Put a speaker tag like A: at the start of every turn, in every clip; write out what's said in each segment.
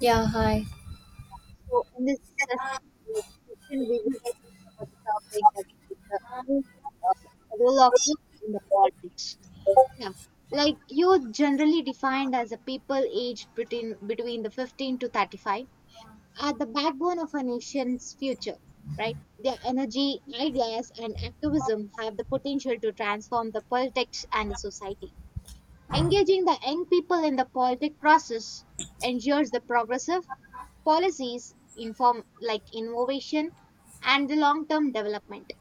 A: Dạ, hi.
B: So in this ses- like session, we will cover the topic that the youth, the role of youth in the politics. Yeah, like youth generally defined as a people aged between the 15 to 35 are the backbone of a nation's future. Right, their energy, ideas, and activism have the potential to transform the politics and the society. Engaging the young people in the politic process ensures the progressive policies, inform like innovation and the long term development.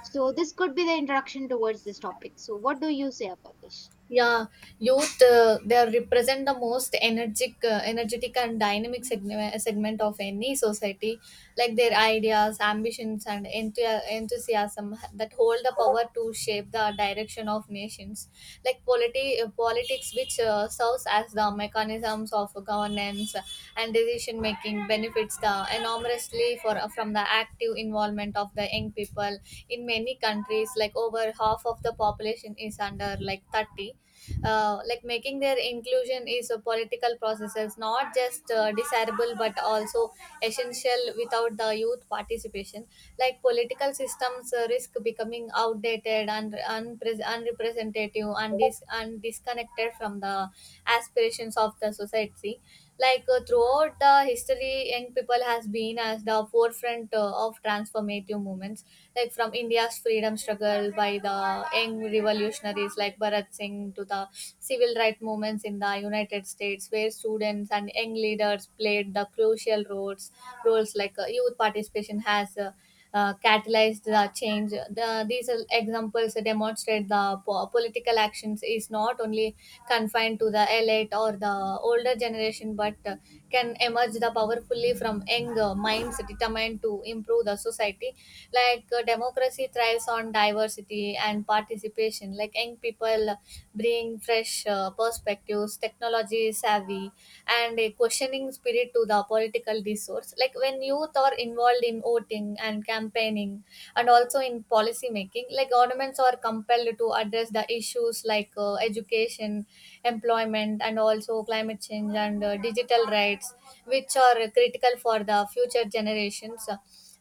B: So this could be the introduction towards this topic. So what do you say about this?
A: Yeah, youth they represent the most energetic and dynamic segment of any society. Like their ideas, ambitions, and enthusiasm that hold the power to shape the direction of nations. Like politics, which serves as the mechanisms of governance and decision making, benefits the enormously for from the active involvement of the young people in many countries. Like over half of the population is under like 30, like making their inclusion is a political process. It's not just desirable but also essential. Without the youth participation, like political systems risk becoming outdated and unrepresentative and disconnected from the aspirations of the society. Like throughout the history, young people has been as the forefront of transformative movements, like from India's freedom struggle by the young revolutionaries like Bharat Singh to the civil rights movements in the United States, where students and young leaders played the crucial roles. Roles like youth participation has catalyze the change. These are examples demonstrate the political actions is not only confined to the elite or the older generation, but can emerge the powerfully from young minds determined to improve the society. Like democracy thrives on diversity and participation. Like young people bring fresh perspectives, technology savvy, and a questioning spirit to the political discourse. Like when youth are involved in voting and campaigning and also in policy making, like governments are compelled to address the issues like education, employment, and also climate change and digital rights, which are critical for the future generations.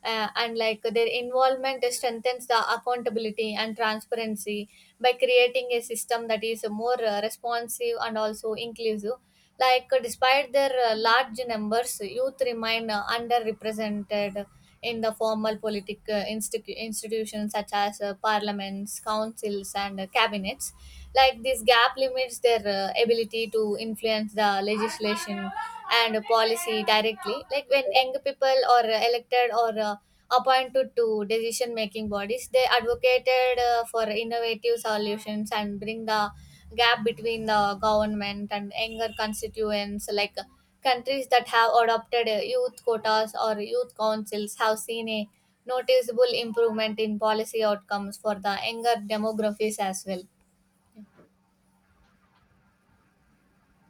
A: And like their involvement strengthens the accountability and transparency by creating a system that is more responsive and also inclusive. Like, despite their large numbers, youth remain underrepresented in the formal political institutions such as parliaments, councils, and cabinets. Like, this gap limits their ability to influence the legislation and policy directly. Like, when young people are elected or appointed to decision making bodies, they advocated for innovative solutions and bring the gap between the government and younger constituents. Like countries that have adopted youth quotas or youth councils have seen a noticeable improvement in policy outcomes for the younger demographics as well.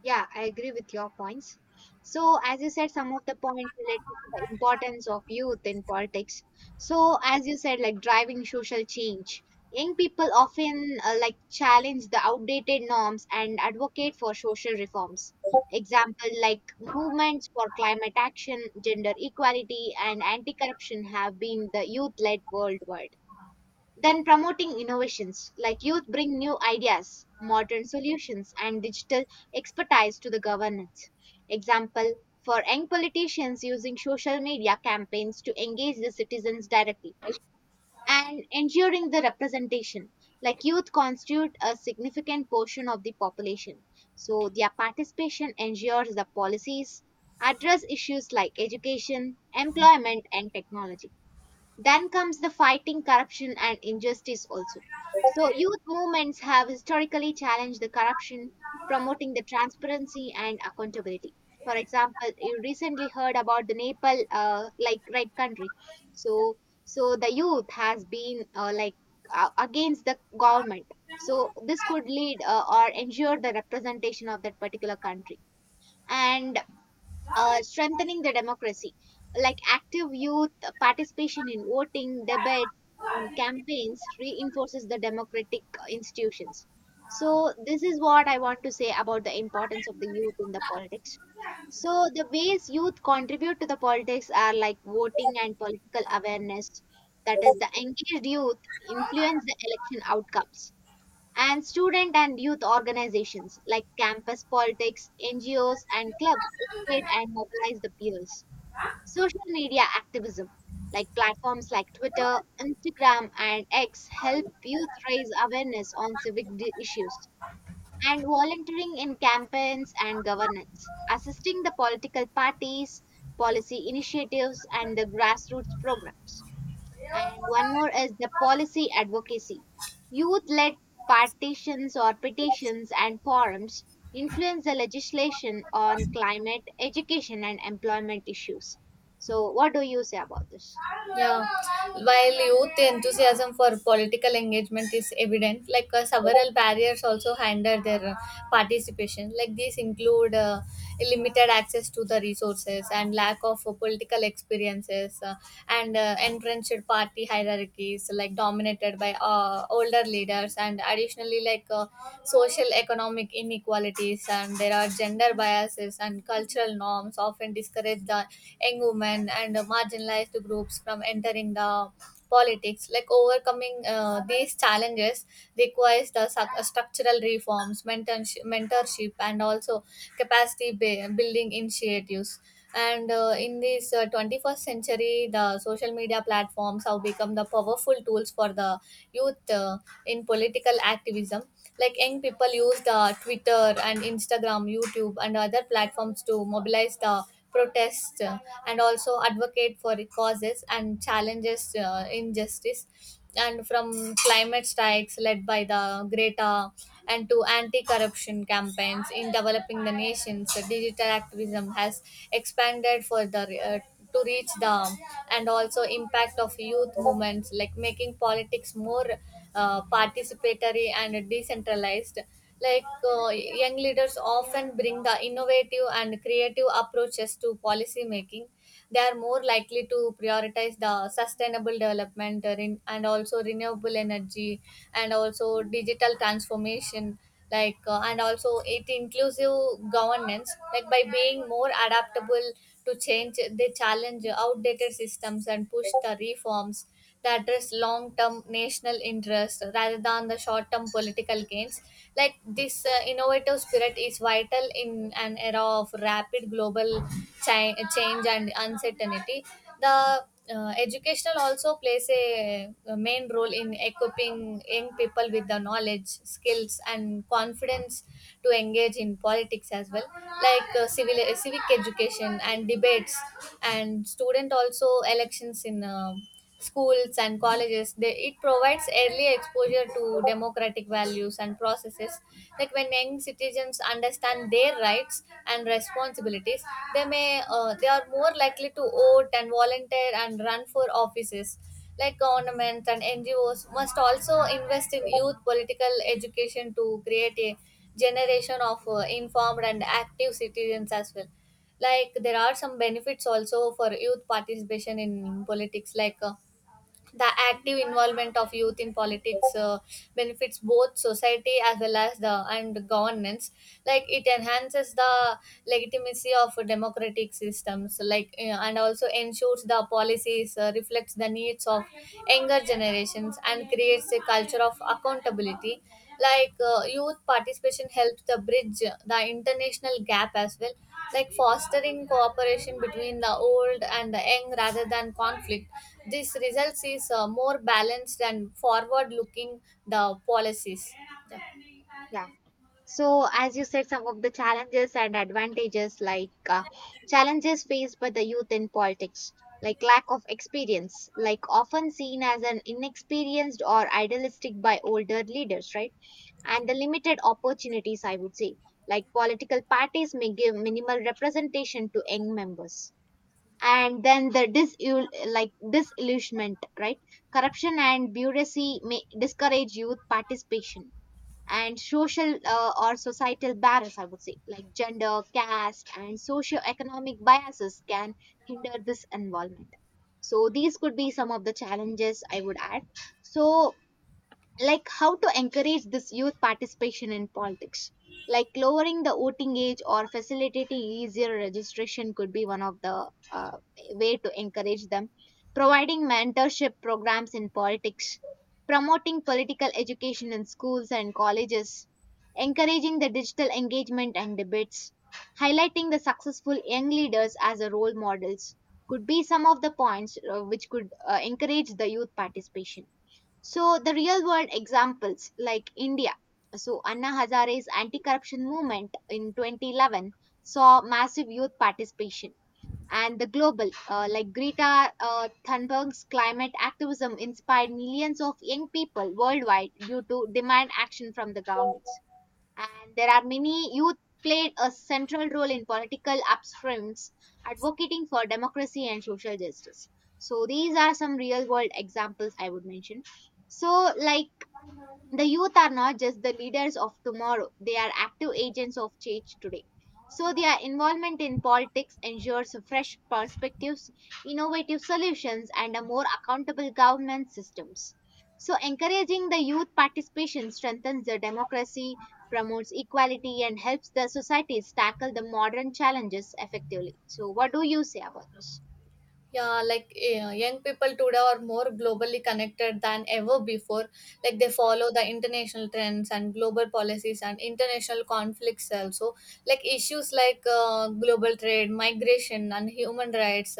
B: Yeah, I agree with your points. So, as you said, some of the points related to the importance of youth in politics. So, as you said, like driving social change, young people often challenge the outdated norms and advocate for social reforms. Example like movements for climate action, gender equality, and anti-corruption have been the youth-led worldwide. Then promoting innovations like youth bring new ideas, modern solutions, and digital expertise to the governance. Example for young politicians using social media campaigns to engage the citizens directly and ensuring the representation like youth constitute a significant portion of the population, so their participation ensures the policies address issues like education, employment, and technology. Then comes the fighting corruption and injustice also, so youth movements have historically challenged the corruption, promoting the transparency and accountability. For example, you recently heard about the Nepal, like, right, country. So so the youth has been against the government, so this could lead, or ensure the representation of that particular country, and strengthening the democracy, like active youth participation in voting, debates, and campaigns reinforces the democratic institutions. So, this is what I want to say about the importance of the youth in the politics. So, the ways youth contribute to the politics are like voting and political awareness. That is, the engaged youth influence the election outcomes, and student and youth organizations like campus politics, NGOs, and clubs educate and mobilize the peers. Social media activism, like platforms like Twitter, Instagram, and X, help youth raise awareness on issues. And volunteering in campaigns and governance, assisting the political parties, policy initiatives, and the grassroots programs. And one more is the policy advocacy. Youth led partitions or petitions and forums influence the legislation on climate, education, and employment issues. So, what do you say about this?
A: Yeah, while youth enthusiasm for political engagement is evident, like several barriers also hinder their participation. Like these include limited access to the resources and lack of political experiences, and entrenched party hierarchies, like dominated by older leaders, and additionally, like social economic inequalities, and there are gender biases and cultural norms often discourage the young women and marginalized groups from entering the politics. Like overcoming these challenges requires the structural reforms, mentorship, and also capacity building initiatives. And in this 21st century the social media platforms have become the powerful tools for the youth in political activism. Like young people use the Twitter and Instagram, YouTube, and other platforms to mobilize the protests, and also advocate for causes and challenges injustice, and from climate strikes led by the Greta and to anti-corruption campaigns in developing the nations. Digital activism has expanded further to reach the and also impact of youth movements, like making politics more participatory and decentralized. Like young leaders often bring the innovative and creative approaches to policy making. They are more likely to prioritize the sustainable development, and also renewable energy and also digital transformation, like and also it inclusive governance. Like by being more adaptable to change, they challenge outdated systems and push the reforms that address long-term national interest rather than the short-term political gains. Like this the innovative spirit is vital in an era of rapid global change and uncertainty. The educational also plays a main role in equipping young people with the knowledge, skills, and confidence to engage in politics as well, like civil civic education and debates, and student also elections in schools and colleges. It provides early exposure to democratic values and processes. Like when young citizens understand their rights and responsibilities, they are more likely to vote and volunteer and run for offices. Like governments and NGOs must also invest in youth political education to create a generation of informed and active citizens as well. Like there are some benefits also for youth participation in politics. Like the active involvement of youth in politics benefits both society as well as the and governance. Like it enhances the legitimacy of democratic systems, like and also ensures the policies reflects the needs of younger generations and creates a culture of accountability. Like youth participation helps the bridge the international gap as well, like fostering cooperation between the old and the young rather than conflict. This results is more balanced and forward looking the policies. Yeah.
B: Yeah. So, as you said, some of the challenges and advantages, like, challenges faced by the youth in politics, like lack of experience, like often seen as an inexperienced or idealistic by older leaders, right? And the limited opportunities, I would say, like political parties may give minimal representation to young members. And then the disillusionment, right? Corruption and bureaucracy may discourage youth participation, and social or societal barriers, I would say, like gender, caste, and socioeconomic biases can hinder this involvement. So, these could be some of the challenges I would add. So, like how to encourage this youth participation in politics, like lowering the voting age or facilitating easier registration could be one of the way to encourage them, providing mentorship programs in politics, promoting political education in schools and colleges, encouraging the digital engagement and debates, highlighting the successful young leaders as a role models could be some of the points which could encourage the youth participation. So the real world examples like India. So Anna Hazare's anti-corruption movement in 2011 saw massive youth participation, and the global, like Greta Thunberg's climate activism inspired millions of young people worldwide due to demand action from the governments, and there are many youth played a central role in political upsprings advocating for democracy and social justice. So these are some real world examples I would mention. So like the youth are not just the leaders of tomorrow, they are active agents of change today. So, their involvement in politics ensures fresh perspectives, innovative solutions, and a more accountable government systems. So, encouraging the youth participation strengthens the democracy, promotes equality, and helps the societies tackle the modern challenges effectively. So, what do you say about this?
A: Yeah, like young people today are more globally connected than ever before. Like they follow the international trends and global policies and international conflicts also. Like issues like global trade, migration, and human rights,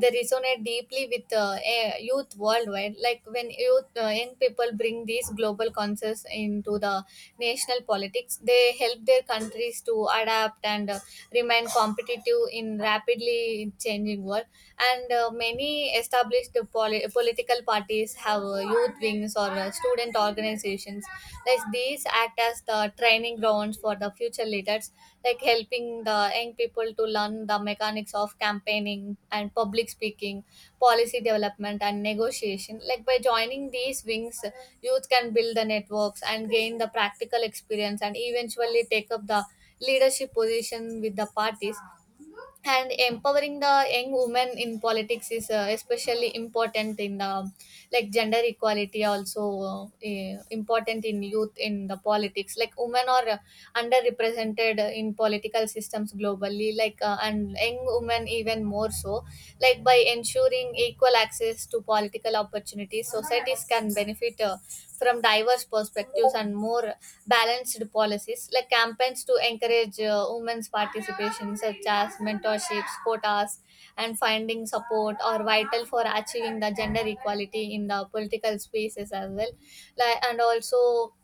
A: they resonate deeply with youth worldwide. Like when young people bring these global concerns into the national politics, they help their countries to adapt and remain competitive in rapidly changing world. And many established political parties have youth wings or student organizations. Like these act as the training grounds for the future leaders, like helping the young people to able to learn the mechanics of campaigning and public speaking, policy development, and negotiation. Like by joining these wings, youth can build the networks and gain the practical experience and eventually take up the leadership position with the parties. And empowering the young women in politics is especially important in the like gender equality also important in youth in the politics. Like women are underrepresented in political systems globally, like and young women even more so. Like by ensuring equal access to political opportunities, societies can benefit from diverse perspectives and more balanced policies, like campaigns to encourage women's participation, such as mentorships, quotas, and finding support, are vital for achieving the gender equality in the political spaces as well. Like, and also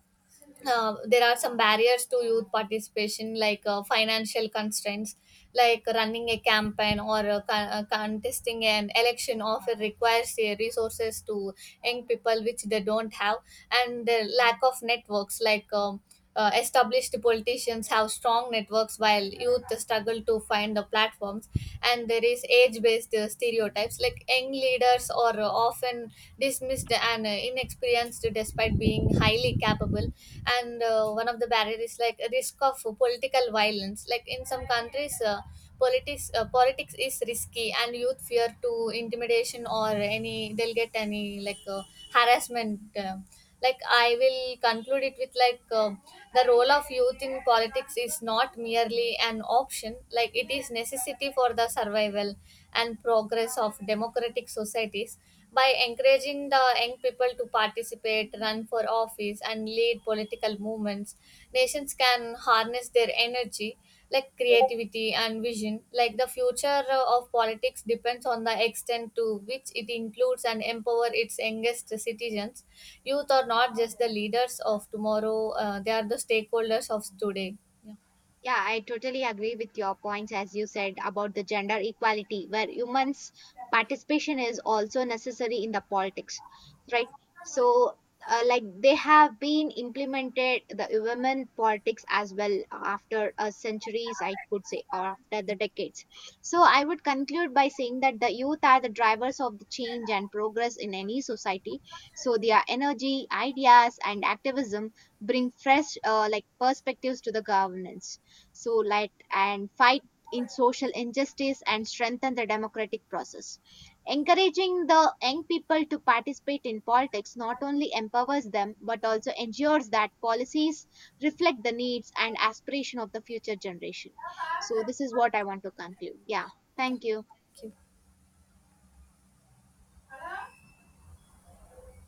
A: there are some barriers to youth participation, like financial constraints, like running a campaign or contesting an election often requires resources to young people which they don't have, and the lack of networks, like established politicians have strong networks while youth struggle to find the platforms. And there is age-based stereotypes, like young leaders are often dismissed and inexperienced despite being highly capable. And one of the barriers is like risk of political violence, like in some countries politics is risky and youth fear to intimidation or any they'll get any like harassment. Like I will conclude it with like the role of youth in politics is not merely an option, like it is necessity for the survival and progress of democratic societies. By encouraging the young people to participate, run for office, and lead political movements, nations can harness their energy, like creativity and vision. Like the future of politics depends on the extent to which it includes and empower its youngest citizens. Youth are not just the leaders of tomorrow, they are the stakeholders of today. Yeah.
B: Yeah, I totally agree with your points, as you said about the gender equality, where humans' participation is also necessary in the politics, right? So, like they have been implemented the women politics as well after centuries, I could say, or after the decades. So, I would conclude by saying that the youth are the drivers of the change and progress in any society. So, their energy, ideas, and activism bring fresh perspectives to the governance, so light and fight in social injustice and strengthen the democratic process. Encouraging the young people to participate in politics not only empowers them but also ensures that policies reflect the needs and aspiration of the future generation. So this is what I want to conclude. Yeah,
A: Yeah.
B: thank you.
A: Thank you.